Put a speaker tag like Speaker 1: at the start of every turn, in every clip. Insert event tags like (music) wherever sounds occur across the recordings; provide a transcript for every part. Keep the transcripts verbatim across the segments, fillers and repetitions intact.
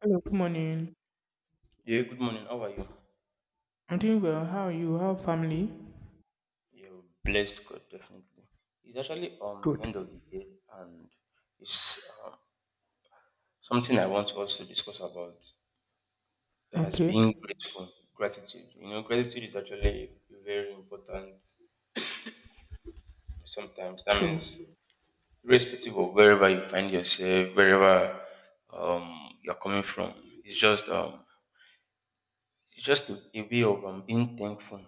Speaker 1: Hello, good morning.
Speaker 2: Yeah, good morning. How are you?
Speaker 1: I'm doing well. How are you? How are family?
Speaker 2: You're blessed, God, definitely. It's actually um the
Speaker 1: Good.
Speaker 2: end of the day, and it's um, something I want us to discuss about. That has
Speaker 1: Okay.
Speaker 2: been grateful, gratitude. You know, gratitude is actually very important. Sometimes that
Speaker 1: True.
Speaker 2: means, irrespective of wherever you find yourself, wherever um you're coming from, it's just um it's just a, a way of um, being thankful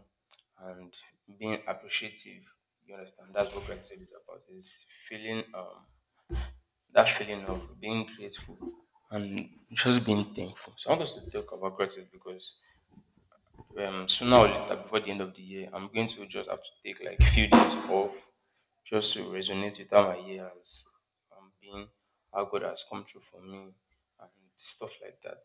Speaker 2: and being appreciative. You understand? That's what gratitude is about. It's feeling um, that feeling of being grateful and just being thankful. So I want us to talk about gratitude because um, sooner or later, before the end of the year, I'm going to just have to take like a few days off just to resonate with how my year has um, been, how God has come through for me, and stuff like that.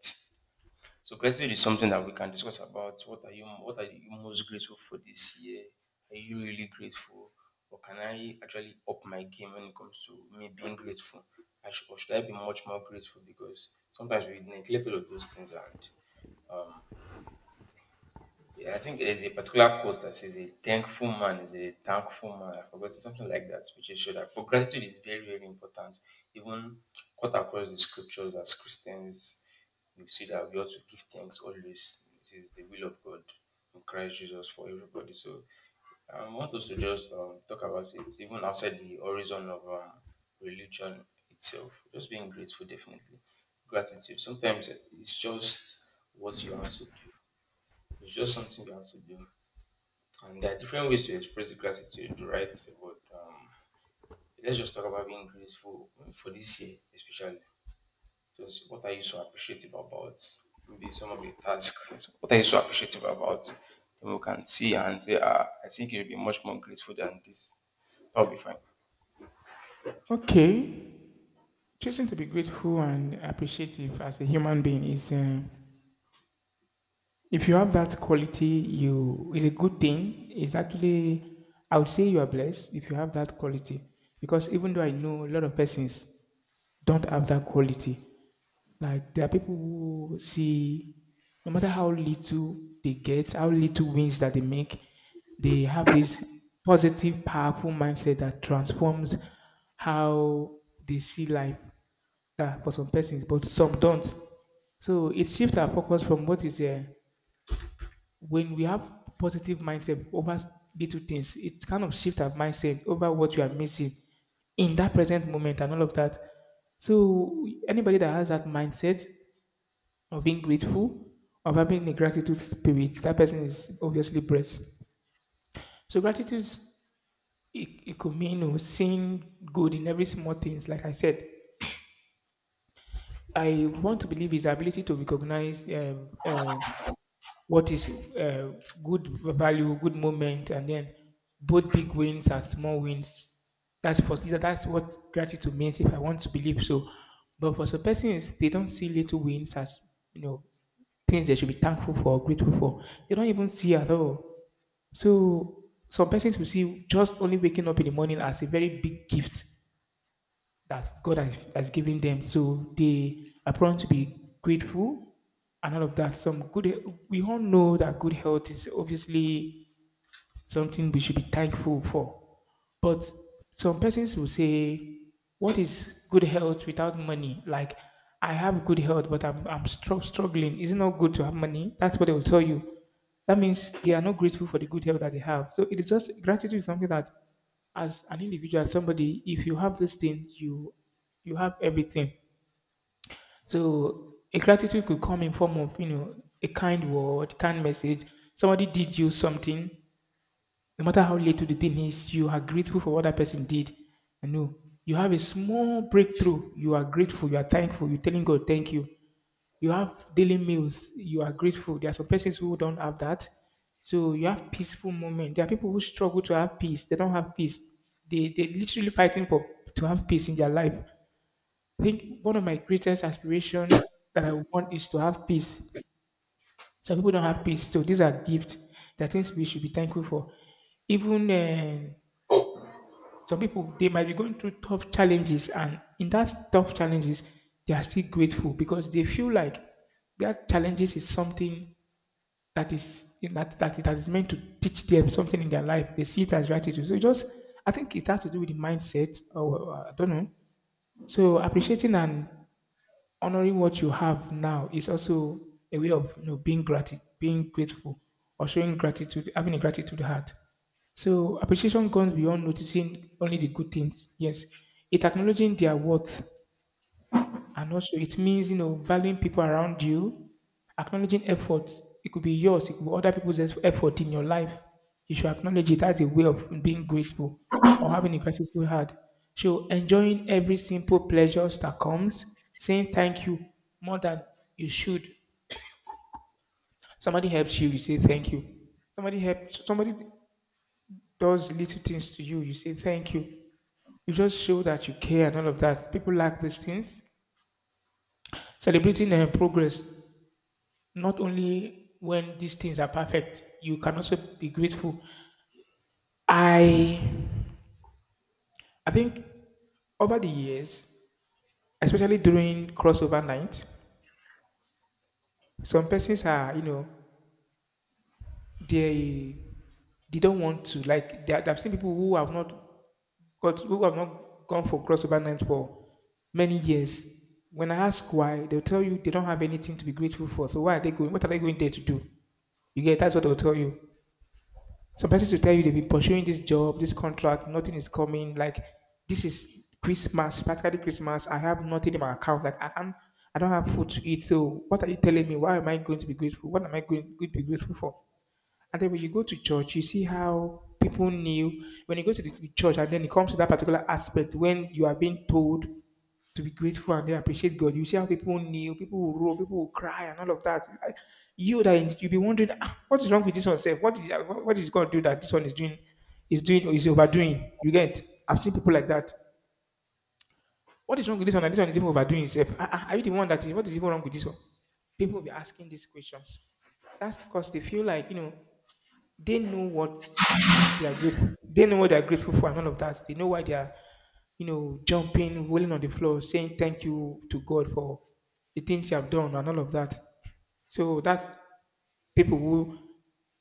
Speaker 2: So gratitude is something that we can discuss about. What are you what are you most grateful for this year? Are you really grateful? Or can I actually up my game when it comes to me being grateful? I should, or should I be much more grateful? Because sometimes we neglect all of those things, and yeah, I think there's a particular quote that says a thankful man is a thankful man. I forgot something like that, which is sure that, but gratitude is very, very important. Even cut across the scriptures as Christians, you see that we ought to give thanks always. It is the will of God in Christ Jesus for everybody. So um, I want us to just um, talk about it, even outside the horizon of um, religion itself. Just being grateful, definitely. Gratitude. Sometimes it's just what you have to do. It's just something you have to do. And there are different ways to express gratitude, right? But um, let's just talk about being grateful for this year, especially. Just what are you so appreciative about? Maybe some of the tasks. What are you so appreciative about? Then we can see and say, ah, I think you should be much more grateful than this. That'll be fine.
Speaker 1: Okay. Choosing to be grateful and appreciative as a human being is, uh, if you have that quality, you is a good thing. It's actually, I would say you are blessed if you have that quality, because even though I know a lot of persons don't have that quality. Like, there are people who see, no matter how little they get, how little wins that they make, they have this positive, powerful mindset that transforms how they see life. That for some persons, but some don't. So it shifts our focus from what is there. When we have positive mindset over little things, it kind of shifts our mindset over what you are missing in that present moment and all of that. So anybody that has that mindset of being grateful, of having a gratitude spirit, that person is obviously blessed. So gratitude, it, it could mean, you know, seeing good in every small things. Like I said, I want to believe his ability to recognize um, uh, what is uh, good value, good moment, and then both big wins and small wins. That's for that's what gratitude means. If I want to believe so, but for some persons, they don't see little wins as you know things they should be thankful for or grateful for. They don't even see at all. So some persons will see just only waking up in the morning as a very big gift that God has, has given them. So they are prone to be grateful and all of that. Some good We all know that good health is obviously something we should be thankful for. But some persons will say, "What is good health without money?" Like, I have good health, but I'm I'm stru- struggling. Is it not good to have money? That's what they will tell you. That means they are not grateful for the good health that they have. So it is just gratitude is something that, as an individual, as somebody, if you have this thing, you you have everything. So a gratitude could come in form of, you know a kind word, kind message. Somebody did you something, no matter how little the thing is, you are grateful for what that person did. I know you have a small breakthrough. You are grateful. You are thankful. You're telling God, thank you. You have daily meals. You are grateful. There are some persons who don't have that. So you have peaceful moment. There are people who struggle to have peace. They don't have peace. They they literally fighting for to have peace in their life. I think one of my greatest aspiration that I want is to have peace. So people don't have peace. So these are gifts. There are things we should be thankful for. Even uh, some people they might be going through tough challenges, and in that tough challenges they are still grateful because they feel like that challenges is something that is that, that that is meant to teach them something in their life. They see it as gratitude. So it just, I think it has to do with the mindset, or, or I don't know. So appreciating and honoring what you have now is also a way of, you know being gratitude, being grateful, or showing gratitude, having a gratitude heart. So appreciation goes beyond noticing only the good things. Yes, it acknowledging their worth, and also, it means, you know, valuing people around you, acknowledging effort. It could be yours, it could be other people's eff- effort in your life. You should acknowledge it as a way of being grateful or having a grateful heart. So, enjoying every simple pleasures that comes, saying thank you more than you should. Somebody helps you, you say thank you. Somebody helps, somebody does little things to you, you say thank you. You just show that you care and all of that. People like these things. Celebrating uh, progress. Not only when these things are perfect, you can also be grateful. I I think over the years, especially during crossover night, some persons are, you know, they they don't want to, like, they, I've seen people who have not got who have not gone for crossover night for many years. When I ask why, they'll tell you they don't have anything to be grateful for. So why are they going? What are they going there to do? You get? That's what they'll tell you. Some persons will tell you they've been pursuing this job, this contract, nothing is coming. Like, this is Christmas, practically Christmas. I have nothing in my account. Like, I can't, I don't have food to eat. So what are you telling me? Why am I going to be grateful? What am I going, going to be grateful for? And then when you go to church, you see how people knew when you go to the church, and then it comes to that particular aspect when you are being told to be grateful and they appreciate God. You see how people kneel, people will roll, people will cry, and all of that. I- You, that you'll be wondering, "Ah, what is wrong with this one? Self? What is what what is God do that this one is doing? Is doing is overdoing?" You get? I've seen people like that. What is wrong with this one? And this one is even overdoing itself. Ah, ah, are you the one that is? What is even wrong with this one? People will be asking these questions. That's because they feel like, you know they know what they are grateful. They know what they are grateful for and all of that. They know why they are, you know, jumping, rolling on the floor, saying thank you to God for the things you have done and all of that. So that's people who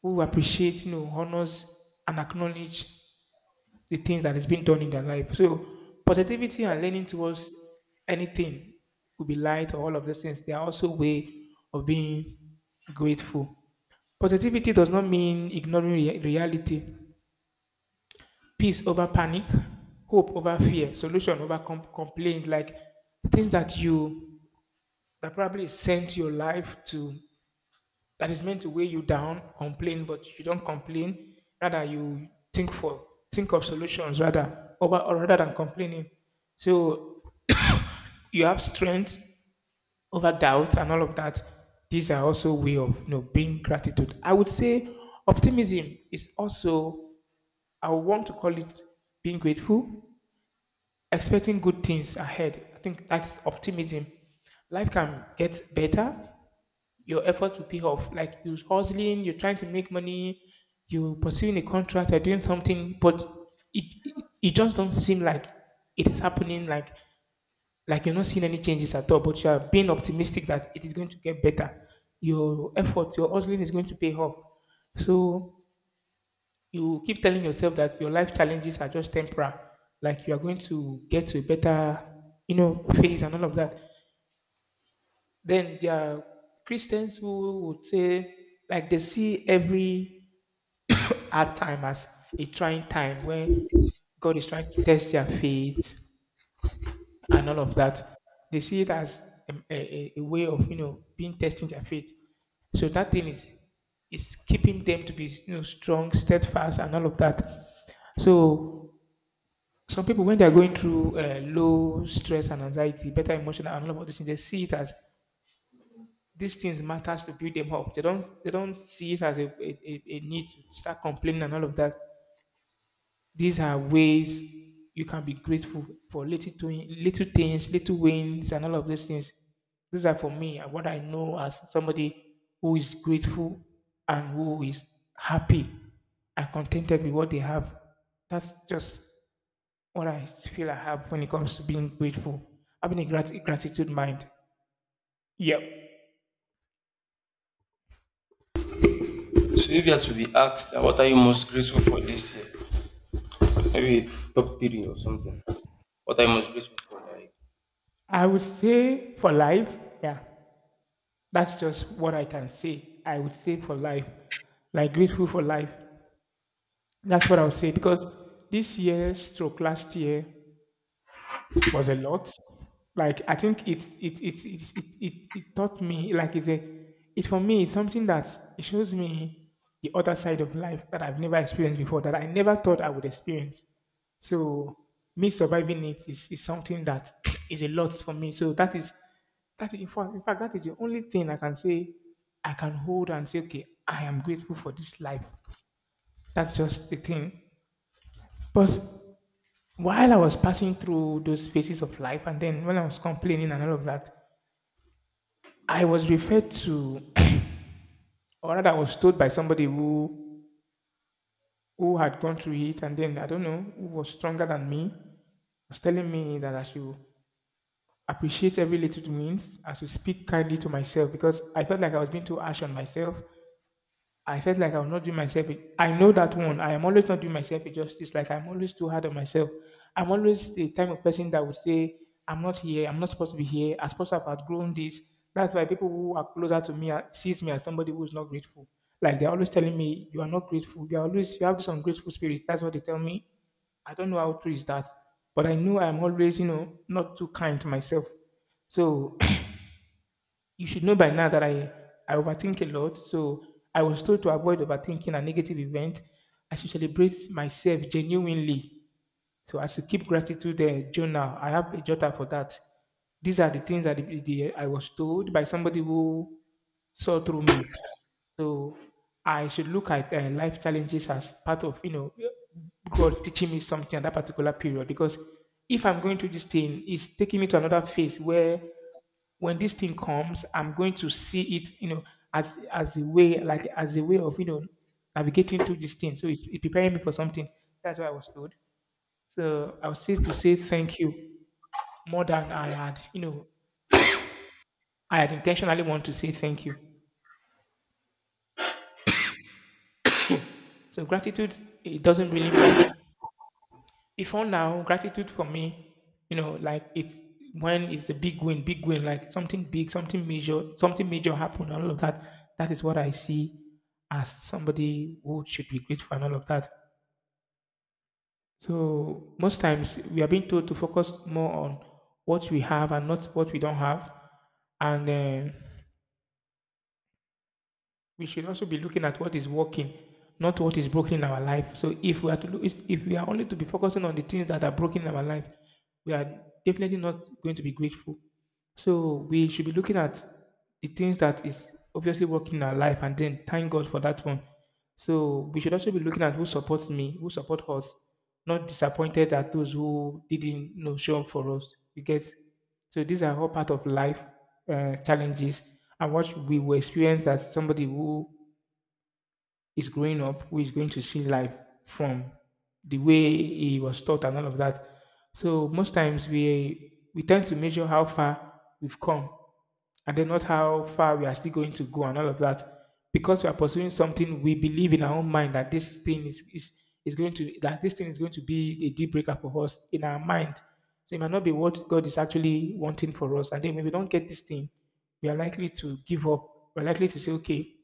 Speaker 1: who appreciate, you know, honors and acknowledge the things that is being done in their life. So positivity and leaning towards anything could be light or all of those things. They are also way of being grateful. Positivity does not mean ignoring rea- reality. Peace over panic, hope over fear, solution over com- complaint. Like, the things that you that probably sent your life to, that is meant to weigh you down, complain, but you don't complain. Rather, you think for think of solutions rather over, or rather than, complaining. So you have strength over doubt and all of that. These are also way of, you know being gratitude. I would say optimism is also, I want to call it, being grateful, expecting good things ahead. I think that's optimism. Life can get better. Your effort will pay off. Like, you're hustling, you're trying to make money, you're pursuing a contract, you're doing something, but it, it it just don't seem like it is happening. Like like you're not seeing any changes at all, but you are being optimistic that it is going to get better. Your effort, your hustling is going to pay off. So you keep telling yourself that your life challenges are just temporary, like you are going to get to a better, you know, phase and all of that. Then there are Christians who would say, like, they see every hard time as a trying time when God is trying to test their faith and all of that. They see it as a, a, a a way of, you know being testing their faith. So that thing is is keeping them to be, you know strong, steadfast, and all of that. So some people, when they are going through uh, low stress and anxiety, better emotional and all of those things, they see it as these things matters to build them up. They don't they don't see it as a, a, a a need to start complaining and all of that. These are ways you can be grateful for little doing, little things, little wins, and all of those things. These are for me and what I know as somebody who is grateful and who is happy and contented with what they have. That's just what I feel I have when it comes to being grateful, having a grat- gratitude mind. Yeah,
Speaker 2: So if you had to be asked that, what are you most grateful for this year? Maybe top three or something. What are you most grateful for? Like
Speaker 1: I would say for life, yeah, that's just what I can say. I would say for life, like, grateful for life. That's what I would say because this year, stroke last year, was a lot. Like, I think it's it's it's it's it, it, it taught me, like, it's a it's for me it's something that it shows me the other side of life that I've never experienced before, that I never thought I would experience. So me surviving it is, is something that (clears throat) is a lot for me. So that is that in fact, in fact that is the only thing I can say. I can hold and say, okay, I am grateful for this life. That's just the thing. But while I was passing through those phases of life, and then when I was complaining and all of that, I was referred to, (clears throat) or rather, I was told by somebody who who had gone through it, and then I don't know who was stronger than me, was telling me that I should appreciate every little wins. I should speak kindly to myself because I felt like I was being too harsh on myself. I felt like I was not doing myself. a- I know that one. I am always not doing myself a justice. Like, I'm always too hard on myself. I'm always the type of person that would say, "I'm not here. I'm not supposed to be here. I'm supposed to have outgrown this." That's why people who are closer to me are- sees me as somebody who is not grateful. Like, they're always telling me, "You are not grateful. You are always you have this ungrateful spirit." That's what they tell me. I don't know how true is that, but I know I'm always, you know, not too kind to myself. So you should know by now that I, I overthink a lot. So I was told to avoid overthinking a negative event. I should celebrate myself genuinely. So I should keep gratitude uh, journal. I have a jotter for that. These are the things that the, the- I was told by somebody who saw through me. So I should look at uh, life challenges as part of, you know, God teaching me something at that particular period. Because if I'm going through this thing, it's taking me to another phase where when this thing comes, I'm going to see it, you know, as as a way, like as a way of, you know, navigating through this thing. So it's, it's preparing me for something. That's what I was told. So I was still to say thank you more than I had, you know, I had intentionally want to say thank you. So gratitude, it doesn't really mean. Before now, gratitude for me, you know, like, it's when it's a big win, big win, like something big, something major, something major happened, and all of that. That is what I see as somebody who should be grateful and all of that. So most times we are being told to focus more on what we have and not what we don't have, and. Uh, we should also be looking at what is working, not what is broken in our life. So if we are to look, if we are only to be focusing on the things that are broken in our life, we are definitely not going to be grateful. So we should be looking at the things that is obviously working in our life, and then thank God for that one. So we should also be looking at who supports me, who support us, not disappointed at those who didn't, you know, show up for us. You get. So these are all part of life uh, challenges and what we will experience as somebody who is growing up, who is going to see life from the way he was taught and all of that. So most times we we tend to measure how far we've come and then not how far we are still going to go and all of that. Because we are pursuing something we believe in our own mind that this thing is is, is going to that this thing is going to be a deal breaker for us in our mind. So it might not be what God is actually wanting for us. And then when we don't get this thing, we are likely to give up. We're likely to say, okay,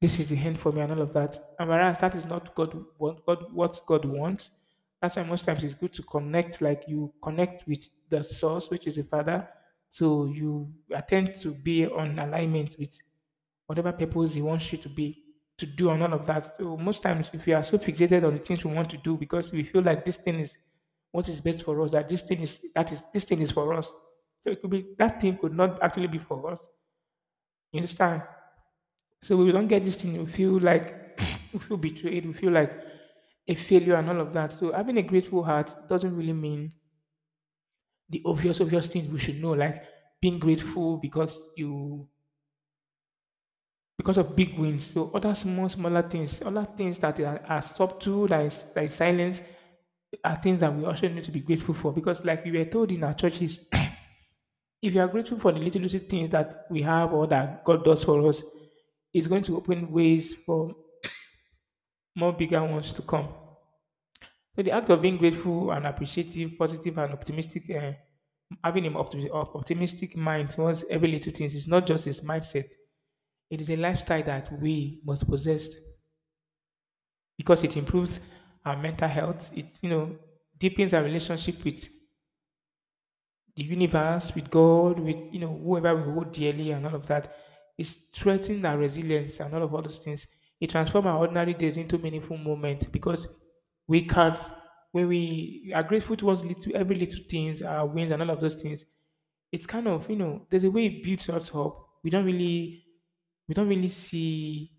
Speaker 1: this is the end for me and all of that. And whereas that is not God what God what God wants. That's why most times it's good to connect, like, you connect with the source, which is the Father. So you attempt to be on alignment with whatever purpose he wants you to be to do and all of that. So most times if we are so fixated on the things we want to do because we feel like this thing is what is best for us, that this thing is that is this thing is for us. So it could be that thing could not actually be for us. You understand? So we don't get this thing, we feel like (laughs) (clears throat) we feel betrayed, we feel like a failure and all of that. So having a grateful heart doesn't really mean the obvious, obvious things we should know, like being grateful because you because of big wins. So other small, smaller things, other things that are, are subtle, that is like silence, are things that we also need to be grateful for. Because like we were told in our churches, (clears throat) if you are grateful for the little little things that we have or that God does for us, it's going to open ways for more bigger ones to come. So the act of being grateful and appreciative, positive and optimistic, uh, having an optimi- op- optimistic mind towards every little things is not just a mindset. It is a lifestyle that we must possess because it improves our mental health. It, you know, deepens our relationship with the universe, with God, with, you know, whoever we hold dearly and all of that, that, is strengthening our resilience and all of all those things. It transforms our ordinary days into meaningful moments because we can when we are grateful towards little every little things, our wins and all of those things, it's kind of, you know, there's a way it builds us up. We don't really we don't really see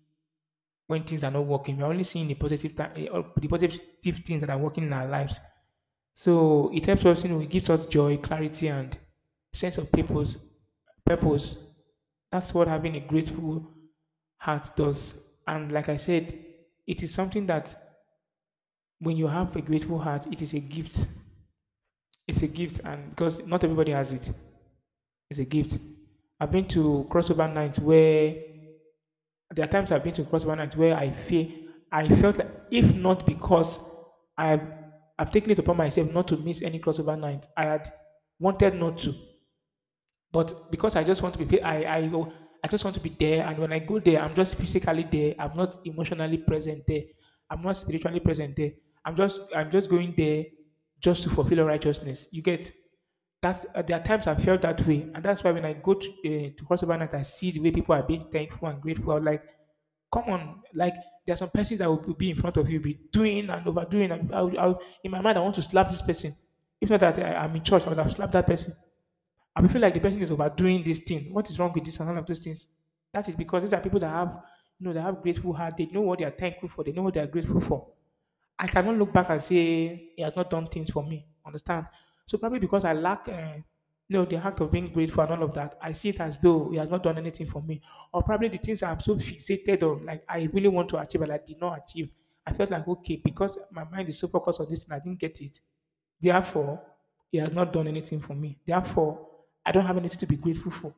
Speaker 1: when things are not working. We're only seeing the positive th- the positive things that are working in our lives. So it helps us, you know, it gives us joy, clarity, and sense of purpose. Purpose. That's what having a grateful heart does. And like I said, it is something that when you have a grateful heart, it is a gift. It's a gift, and because not everybody has it, it's a gift. I've been to crossover nights where There are times I've been to CrossFit night where I feel I felt like if not because I've I've taken it upon myself not to miss any crossover night, I had wanted not to. But because I just want to be, I, I, go- I just want to be there. And when I go there, I'm just physically there. I'm not emotionally present there. I'm not spiritually present there. I'm just, I'm just going there just to fulfill righteousness. You get that? Uh, there are times I felt that way, and that's why when I go to uh, to crossover night, I see the way people are being thankful and grateful. I'm like, come on, like, there are some persons that will be in front of you, be doing and overdoing. And I, would- I, would- in my mind, I want to slap this person. If not that I, I'm in church, I would have slapped that person, and we feel like the person is overdoing this thing. What is wrong with this and all of those things? That is because these are people that have, you know, that have grateful heart. They know what they are thankful for. They know what they are grateful for. I cannot look back and say he has not done things for me. Understand? So probably because I lack, uh, you know, the act of being grateful and all of that, I see it as though he has not done anything for me. Or probably the things I'm so fixated on, like, I really want to achieve and I did not achieve. I felt like, okay, because my mind is so focused on this and I didn't get it. Therefore, he has not done anything for me. Therefore, I don't have anything to be grateful for.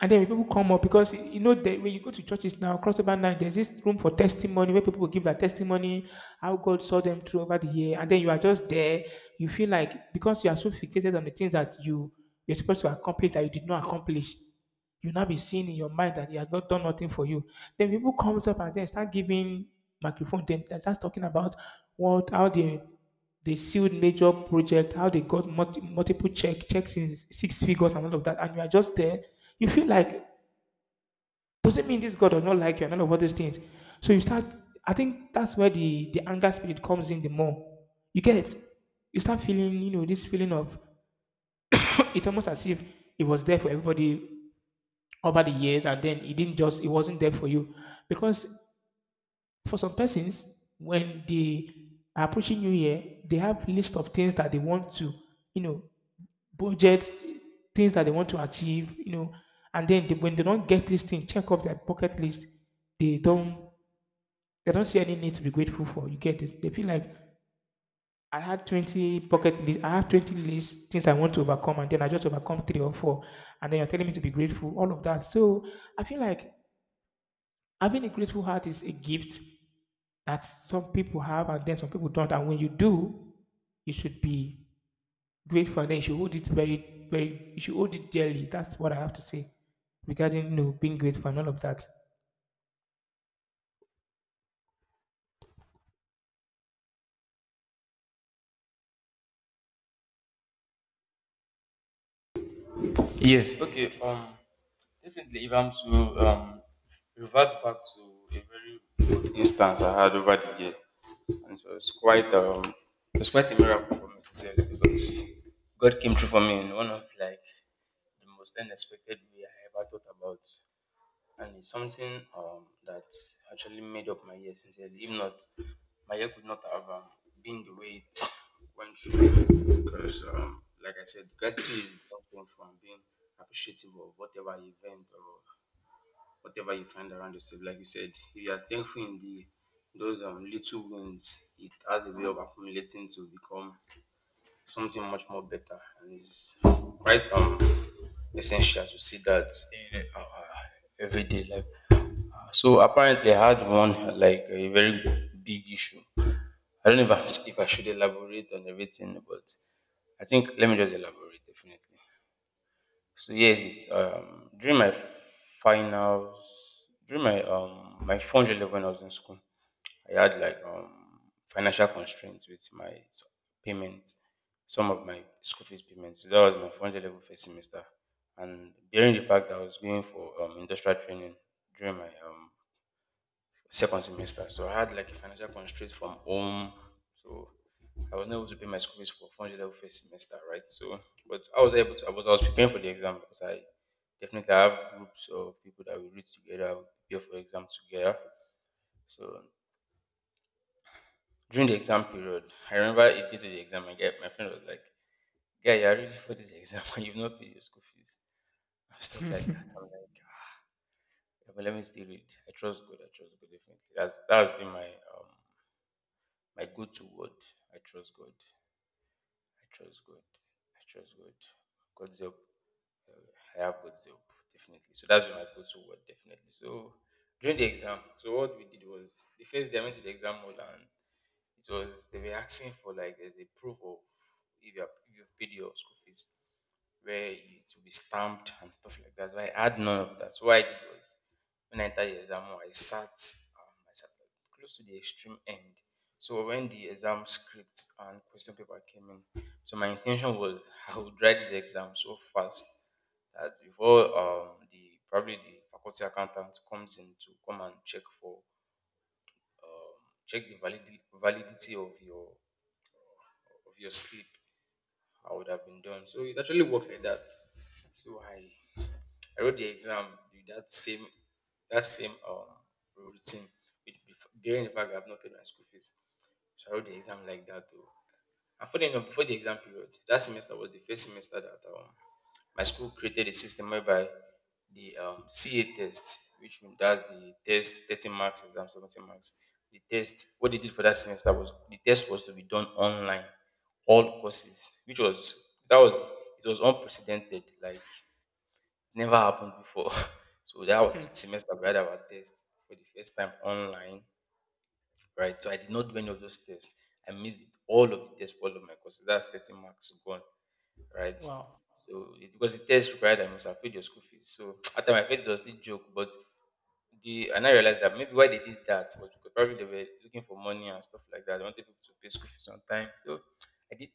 Speaker 1: And then when people come up, because you know that when you go to churches now, crossover night, there's this room for testimony where people will give their testimony, how God saw them through over the year, and then you are just there. You feel like because you are so fixated on the things that you you're supposed to accomplish that you did not accomplish, you now be seeing in your mind that he has not done nothing for you. Then people comes up and then start giving microphone. Then they start talking about what how they they sealed major project, how they got multi, multiple check checks in six figures and all of that. And you are just there. You feel like doesn't mean this God does not like you and all of all these things. So you start. I think that's where the the anger spirit comes in the more. You get it? You start feeling, you know, this feeling of (clears throat) it's almost as if it was there for everybody over the years, and then it didn't just it wasn't there for you, because for some persons, when they are approaching New Year, they have list of things that they want to, you know, budget things that they want to achieve, you know, and then they, when they don't get this thing, check off their bucket list, they don't they don't see any need to be grateful for. You get it? They feel like I had twenty bucket list, I have twenty lists, things I want to overcome, and then I just overcome three or four, and then you're telling me to be grateful, all of that. So I feel like having a grateful heart is a gift that some people have and then some people don't. And when you do, you should be grateful and then you should hold it very, very, you should hold it dearly. That's what I have to say regarding, you know, being grateful and all of that.
Speaker 2: yes, okay. Um Definitely, if I'm to um, revert back to a very good instance I had over the year, and it was quite um, it was quite a miracle for me sincerely, because God came through for me in one of like the most unexpected way I ever thought about, and it's something um, that actually made up my year sincerely. If not, my year could not have um, been the way it went through because, um, like I said, gratitude is one thing, from being appreciative of whatever event or whatever you find around yourself. Like you said, if you are thankful in the those um, little wins, it has a way of accumulating to become something much more better, and it's quite um essential to see that in uh, uh, everyday life. Uh, so apparently, I had one uh, like a very big issue. I don't (laughs) know if I, if I should elaborate on everything, but I think let me just elaborate definitely. So yes, it um during my finals, during my um my final year when I was in school, I had like um financial constraints with my s- payments, some of my school fees payments. So that was my final level first semester, and bearing the fact that I was going for um industrial training during my um second semester. So I had like a financial constraint from home. So I was not able to pay my school fees for four hundred level first semester, right? So, but I was able to, I was, I was preparing for the exam, because I definitely have groups of people that we read together, we prepare for exam together. So during the exam period, I remember a day to the exam, I get, my friend was like, "Guy, you're ready for this exam (laughs) and you've not paid your school fees and stuff like that." I'm like, "Ah, but let me still read. I trust God, I trust God, definitely." That's, that's been my um, my go-to word. I trust God. I trust God. I trust God. God's help. Uh, I have God's help, definitely. So that's been my go-to word, definitely. So during the exam, so what we did was, the first day I went to the exam hall, and it was they were asking for, like, there's a proof of if you have, if you've paid your school fees, where it will be stamped and stuff like that. So I had none of that. So what I did was, when I entered the exam hall, I sat um, I sat like close to the extreme end. So when the exam script and question paper came in, so my intention was, (laughs) I would write this exam so fast that before um, the probably the faculty accountant comes in to come and check for check the validity validity of your of your sleep, I would have been done. So it actually worked like that. So I I wrote the exam with that same that same um routine, with, bef- bearing the fact that I've not paid my school fees. So I wrote the exam like that too. And funny enough, before the exam period, that semester was the first semester that um, my school created a system whereby the um, C A test, which does the test thirty marks, exam seventeen marks. The test, what they did for that semester was, the test was to be done online, all courses, which was, that was, it was unprecedented, like never happened before. (laughs) So that was the semester we had our test for the first time online, right? So I did not do any of those tests. I missed it, all of the tests for all of my courses. That's thirty marks gone, right? So it, because the test required I must have paid your school fees. So (tsk) at the time I paid it was still joke, but the and I realized that maybe why they did that was because probably they were looking for money and stuff like that. They wanted people to pay school fees on time. So I did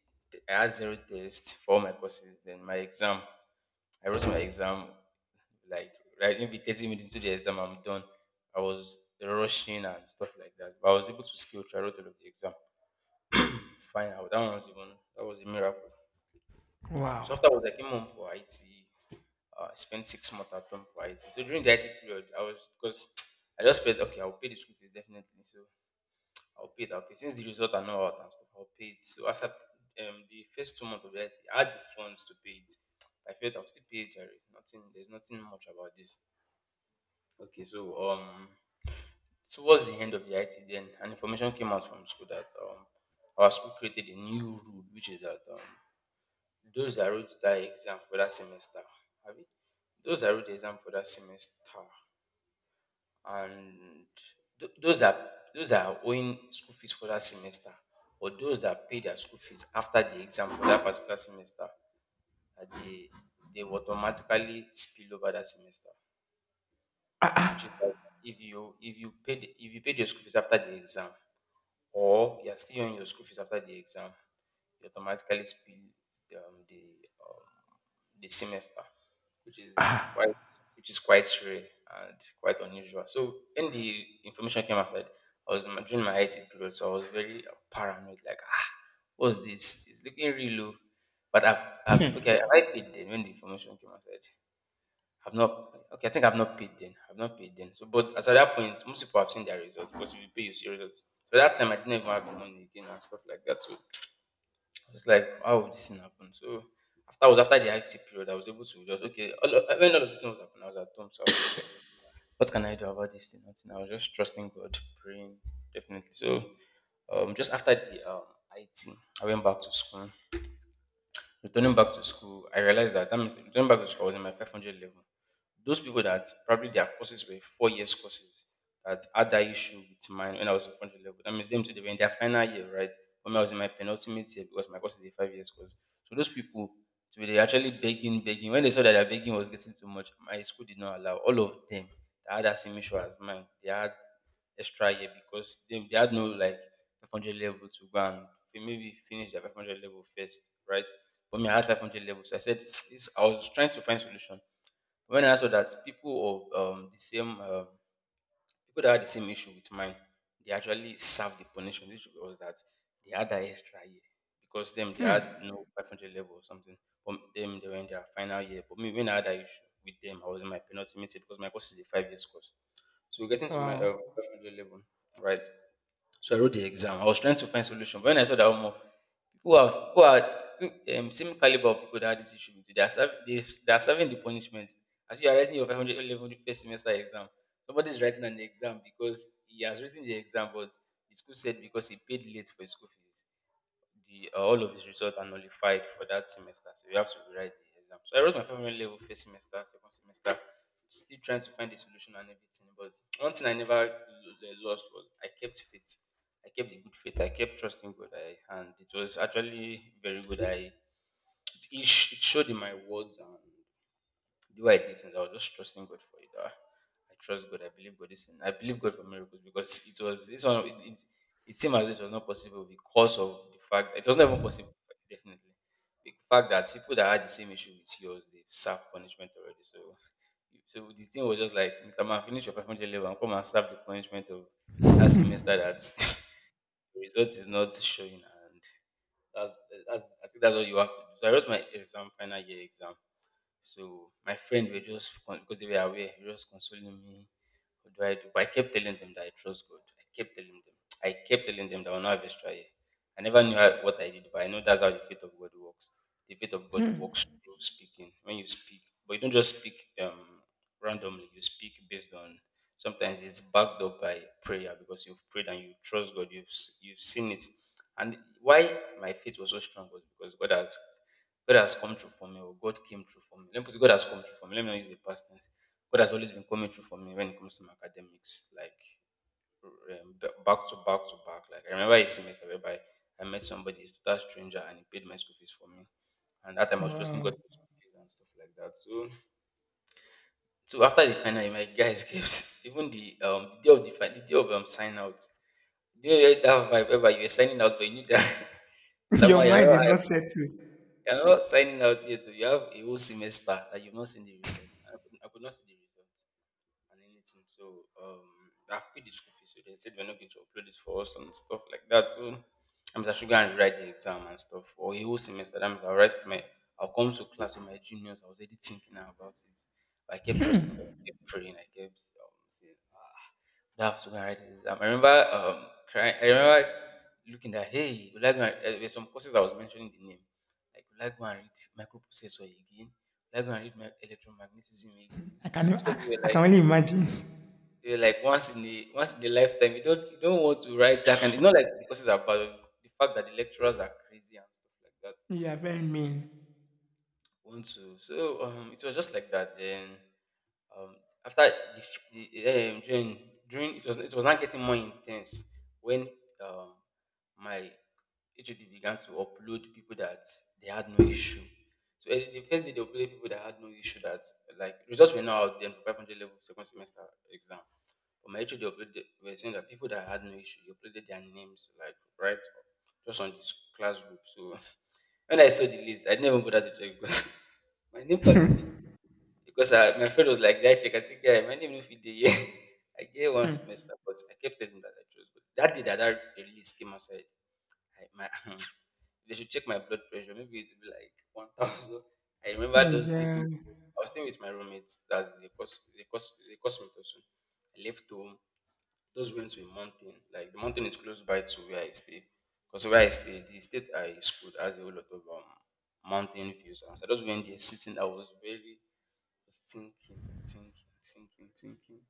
Speaker 2: I had zero tests for all my courses. Then my exam, I wrote my exam like, right, maybe thirty minutes into the exam I'm done. I was rushing and stuff like that, but I was able to scale through a lot of the exam fine. I- that one was even, that was a miracle. So
Speaker 1: Wow.
Speaker 2: after, I was like, came home for IT. uh, I spent six months at home for IT. So during the IT period, I was, because (tsk) I just felt okay, I'll pay the school fees definitely. So I'll pay it, I'll pay, since the result are not out and stuff, I'll pay it. So as at um, the first two months of the IT, I had the funds to pay it. I felt I'll still pay it, there is nothing there's nothing much about this. okay so um Towards the end of the I T then, an information came out from school that um, our school created a new rule, which is that um, those that wrote that exam for that semester, have it? Those that wrote the exam for that semester, and th- those that, those that are owing school fees for that semester, or those that pay their school fees after the exam for that particular semester, that they they will automatically spill over that semester, which is that, if you, if you paid, if you paid your school fees after the exam, or you're still on your school fees after the exam, you automatically spill um, the um, the semester, which is quite, which is quite rare and quite unusual. So when the information came outside, I was in my-, during my I T period, so I was very uh, paranoid. Like, ah, what's this? It's looking real low. But I've, I've okay, I paid then when the information came outside. I've not, okay, I think I've not paid then. I've not paid then. So but as at that point, most people have seen their results, because if you pay you see results. So that time I didn't even have the money again and stuff like that. So I was like, how would this thing happen? So after I was after the I T period, I was able to just okay, all, of- when all of this thing was happening, I was at home, so I was like, "Ah, what can I do about this thing? Nothing." I was just trusting God, praying, definitely. So um just after the um I T, I went back to school. Returning back to school, I realized that, that means returning back to school I was in my five hundred level. Those people that probably their courses were four years courses that had that issue with mine when I was in front level. That means them too, they were in their final year, right? When I was in my penultimate year because my course is a five years course. So those people, so they were actually begging, begging. When they saw that their begging was getting too much, my school did not allow all of them that had that same issue as mine. They had extra year because they, they had no, like, five hundred level to go and fi- maybe finish their five hundred level first, right? But me, I had five hundred level. So I said, (tsk) this, I was trying to find solution when I saw that people of um, the same, um, people that had the same issue with mine, they actually served the punishment, which was that they had that extra year because them they had no five hundred level or something. But them they were in their final year. But me, when I had that issue with them, I was in my penultimate year because my course is a five years course. So getting to my uh,
Speaker 1: Wow.
Speaker 2: five hundred level, right? So I wrote the exam. I was trying to find solution, but when I saw that more people have who are who- um, same caliber of people that had this issue with you. They are, serv- they, s- they are serving the punishment. As you are writing your five hundred level first semester exam, somebody is writing an exam because he has written the exam, but the school said because he paid late for his school fees, the uh, all of his results are nullified for that semester. So you have to rewrite the exam. So I wrote my final level first semester, second semester, still trying to find the solution and everything. But one thing I never l- l- lost was I kept faith. I kept the good faith. I kept trusting God. I, and it was actually very good. I it, sh- it showed in my words and to do I did things, I was just trusting God for it. Ah, I trust God. I believe God. Is. I believe God for miracles because (laughs) it was this one. It, it, it seemed as if it was not possible because of the fact it was not even possible. Definitely, the fact that people that had the same issue with yours, they've served punishment already. So, so the thing was just like, Mister Man, finish your five hundred level and come and serve the punishment of that semester. That (laughs) the result is not showing, and that's, that's I think that's what you have to do. So I wrote my exam, final year exam, so my friend were just con- because they were aware, they were just consoling me. What do I do? But I kept telling them that I trust God. I kept telling them. I kept telling them that I will not have extra year. I never knew how, what I did, but I know that's how the faith of God works. The faith of God
Speaker 1: Hmm.
Speaker 2: works through speaking. When you speak, but you don't just speak um, randomly. You speak based on, sometimes it's backed up by prayer because you've prayed and you trust God. You've s- you've seen it. And why my faith was so strong was because God has. God has come through for me, or God came through for me. Let me put it, God has come through for me. Let me not use the past tense. God has always been coming through for me when it comes to my academics, like um, ba- back to back to back. Like, I remember a semester whereby I met somebody, a total stranger, and he paid my school fees for me. And that time I was trusting God
Speaker 1: Wow.
Speaker 2: for school fees and stuff like that. So, so after the final, my guys gave (laughs) even the um the day of the final, the day of um sign out. You know, you had that vibe whereby you were signing out, but you knew that (laughs)
Speaker 1: (laughs)
Speaker 2: mister
Speaker 1: Your
Speaker 2: Man, you're
Speaker 1: mind is
Speaker 2: not,
Speaker 1: not settled.
Speaker 2: you are not signing out yet. Oh. You have a whole semester that you've not seen the result. I could, I could not see the result and anything. So um, I've paid the school fees, so they said we're not going to upload it for us and stuff like that. So I'm just going and write the exam and stuff for a whole semester. That means I'll write with my, I'll come to class with my juniors. I was already thinking about it. I kept trusting God. I kept praying. I kept um, saying, ah, I have to go and write the exam. I remember um, crying. I remember looking at, hey, will I go and, uh, there's some courses I was mentioning the name. Like, will I go and read microprocessor again? Will I go and read my electromagnetism again?
Speaker 1: I
Speaker 2: And
Speaker 1: can,
Speaker 2: those courses
Speaker 1: I,
Speaker 2: were
Speaker 1: I
Speaker 2: like,
Speaker 1: can only imagine. (laughs)
Speaker 2: you're like once in the once in a lifetime. You don't you don't want to write that kind. It's not like the courses are bad, but the fact that the lecturers are crazy and stuff like that.
Speaker 1: You are very mean.
Speaker 2: Want to so um it was just like that. Then um after the, f- the um, during during it was it was not getting more intense when um my H O D began to upload people that they had no issue. So eh, the first day they uploaded people that had no issue, that like results were not out then for five hundred level second semester exam. But my issue, we were saying that people that had no issue, they uploaded their names like right up, just on this classroom. So (laughs) when I saw the list, I didn't even bother to check because (laughs) my name cannot be
Speaker 1: (laughs)
Speaker 2: because I, my friend was like, "Guy, check." I said, "Guy, my name no fit dey here." (laughs) I gave one semester, but I kept telling him that I chose. But that day that that release came outside, I, my (laughs) (clears throat) they should check my blood pressure. Maybe it will be like one thousand. I remember those living.
Speaker 1: Yeah.
Speaker 2: I was staying with my roommates. That they cost they cost they cost me too soon. I left home, just going to a mountain. Like, the mountain is close by to where I stay, because where I stay, the state I schooled has a whole lot of um, mountain views. And so I just went there sitting. I was very just thinking, thinking, thinking, thinking.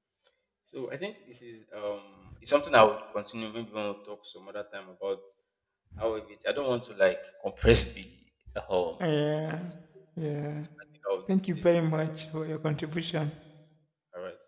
Speaker 2: So I think this is um it's something I would continue. Maybe when we talk some other time about how it is. I don't want to like compress the um. So I think I would say, all right.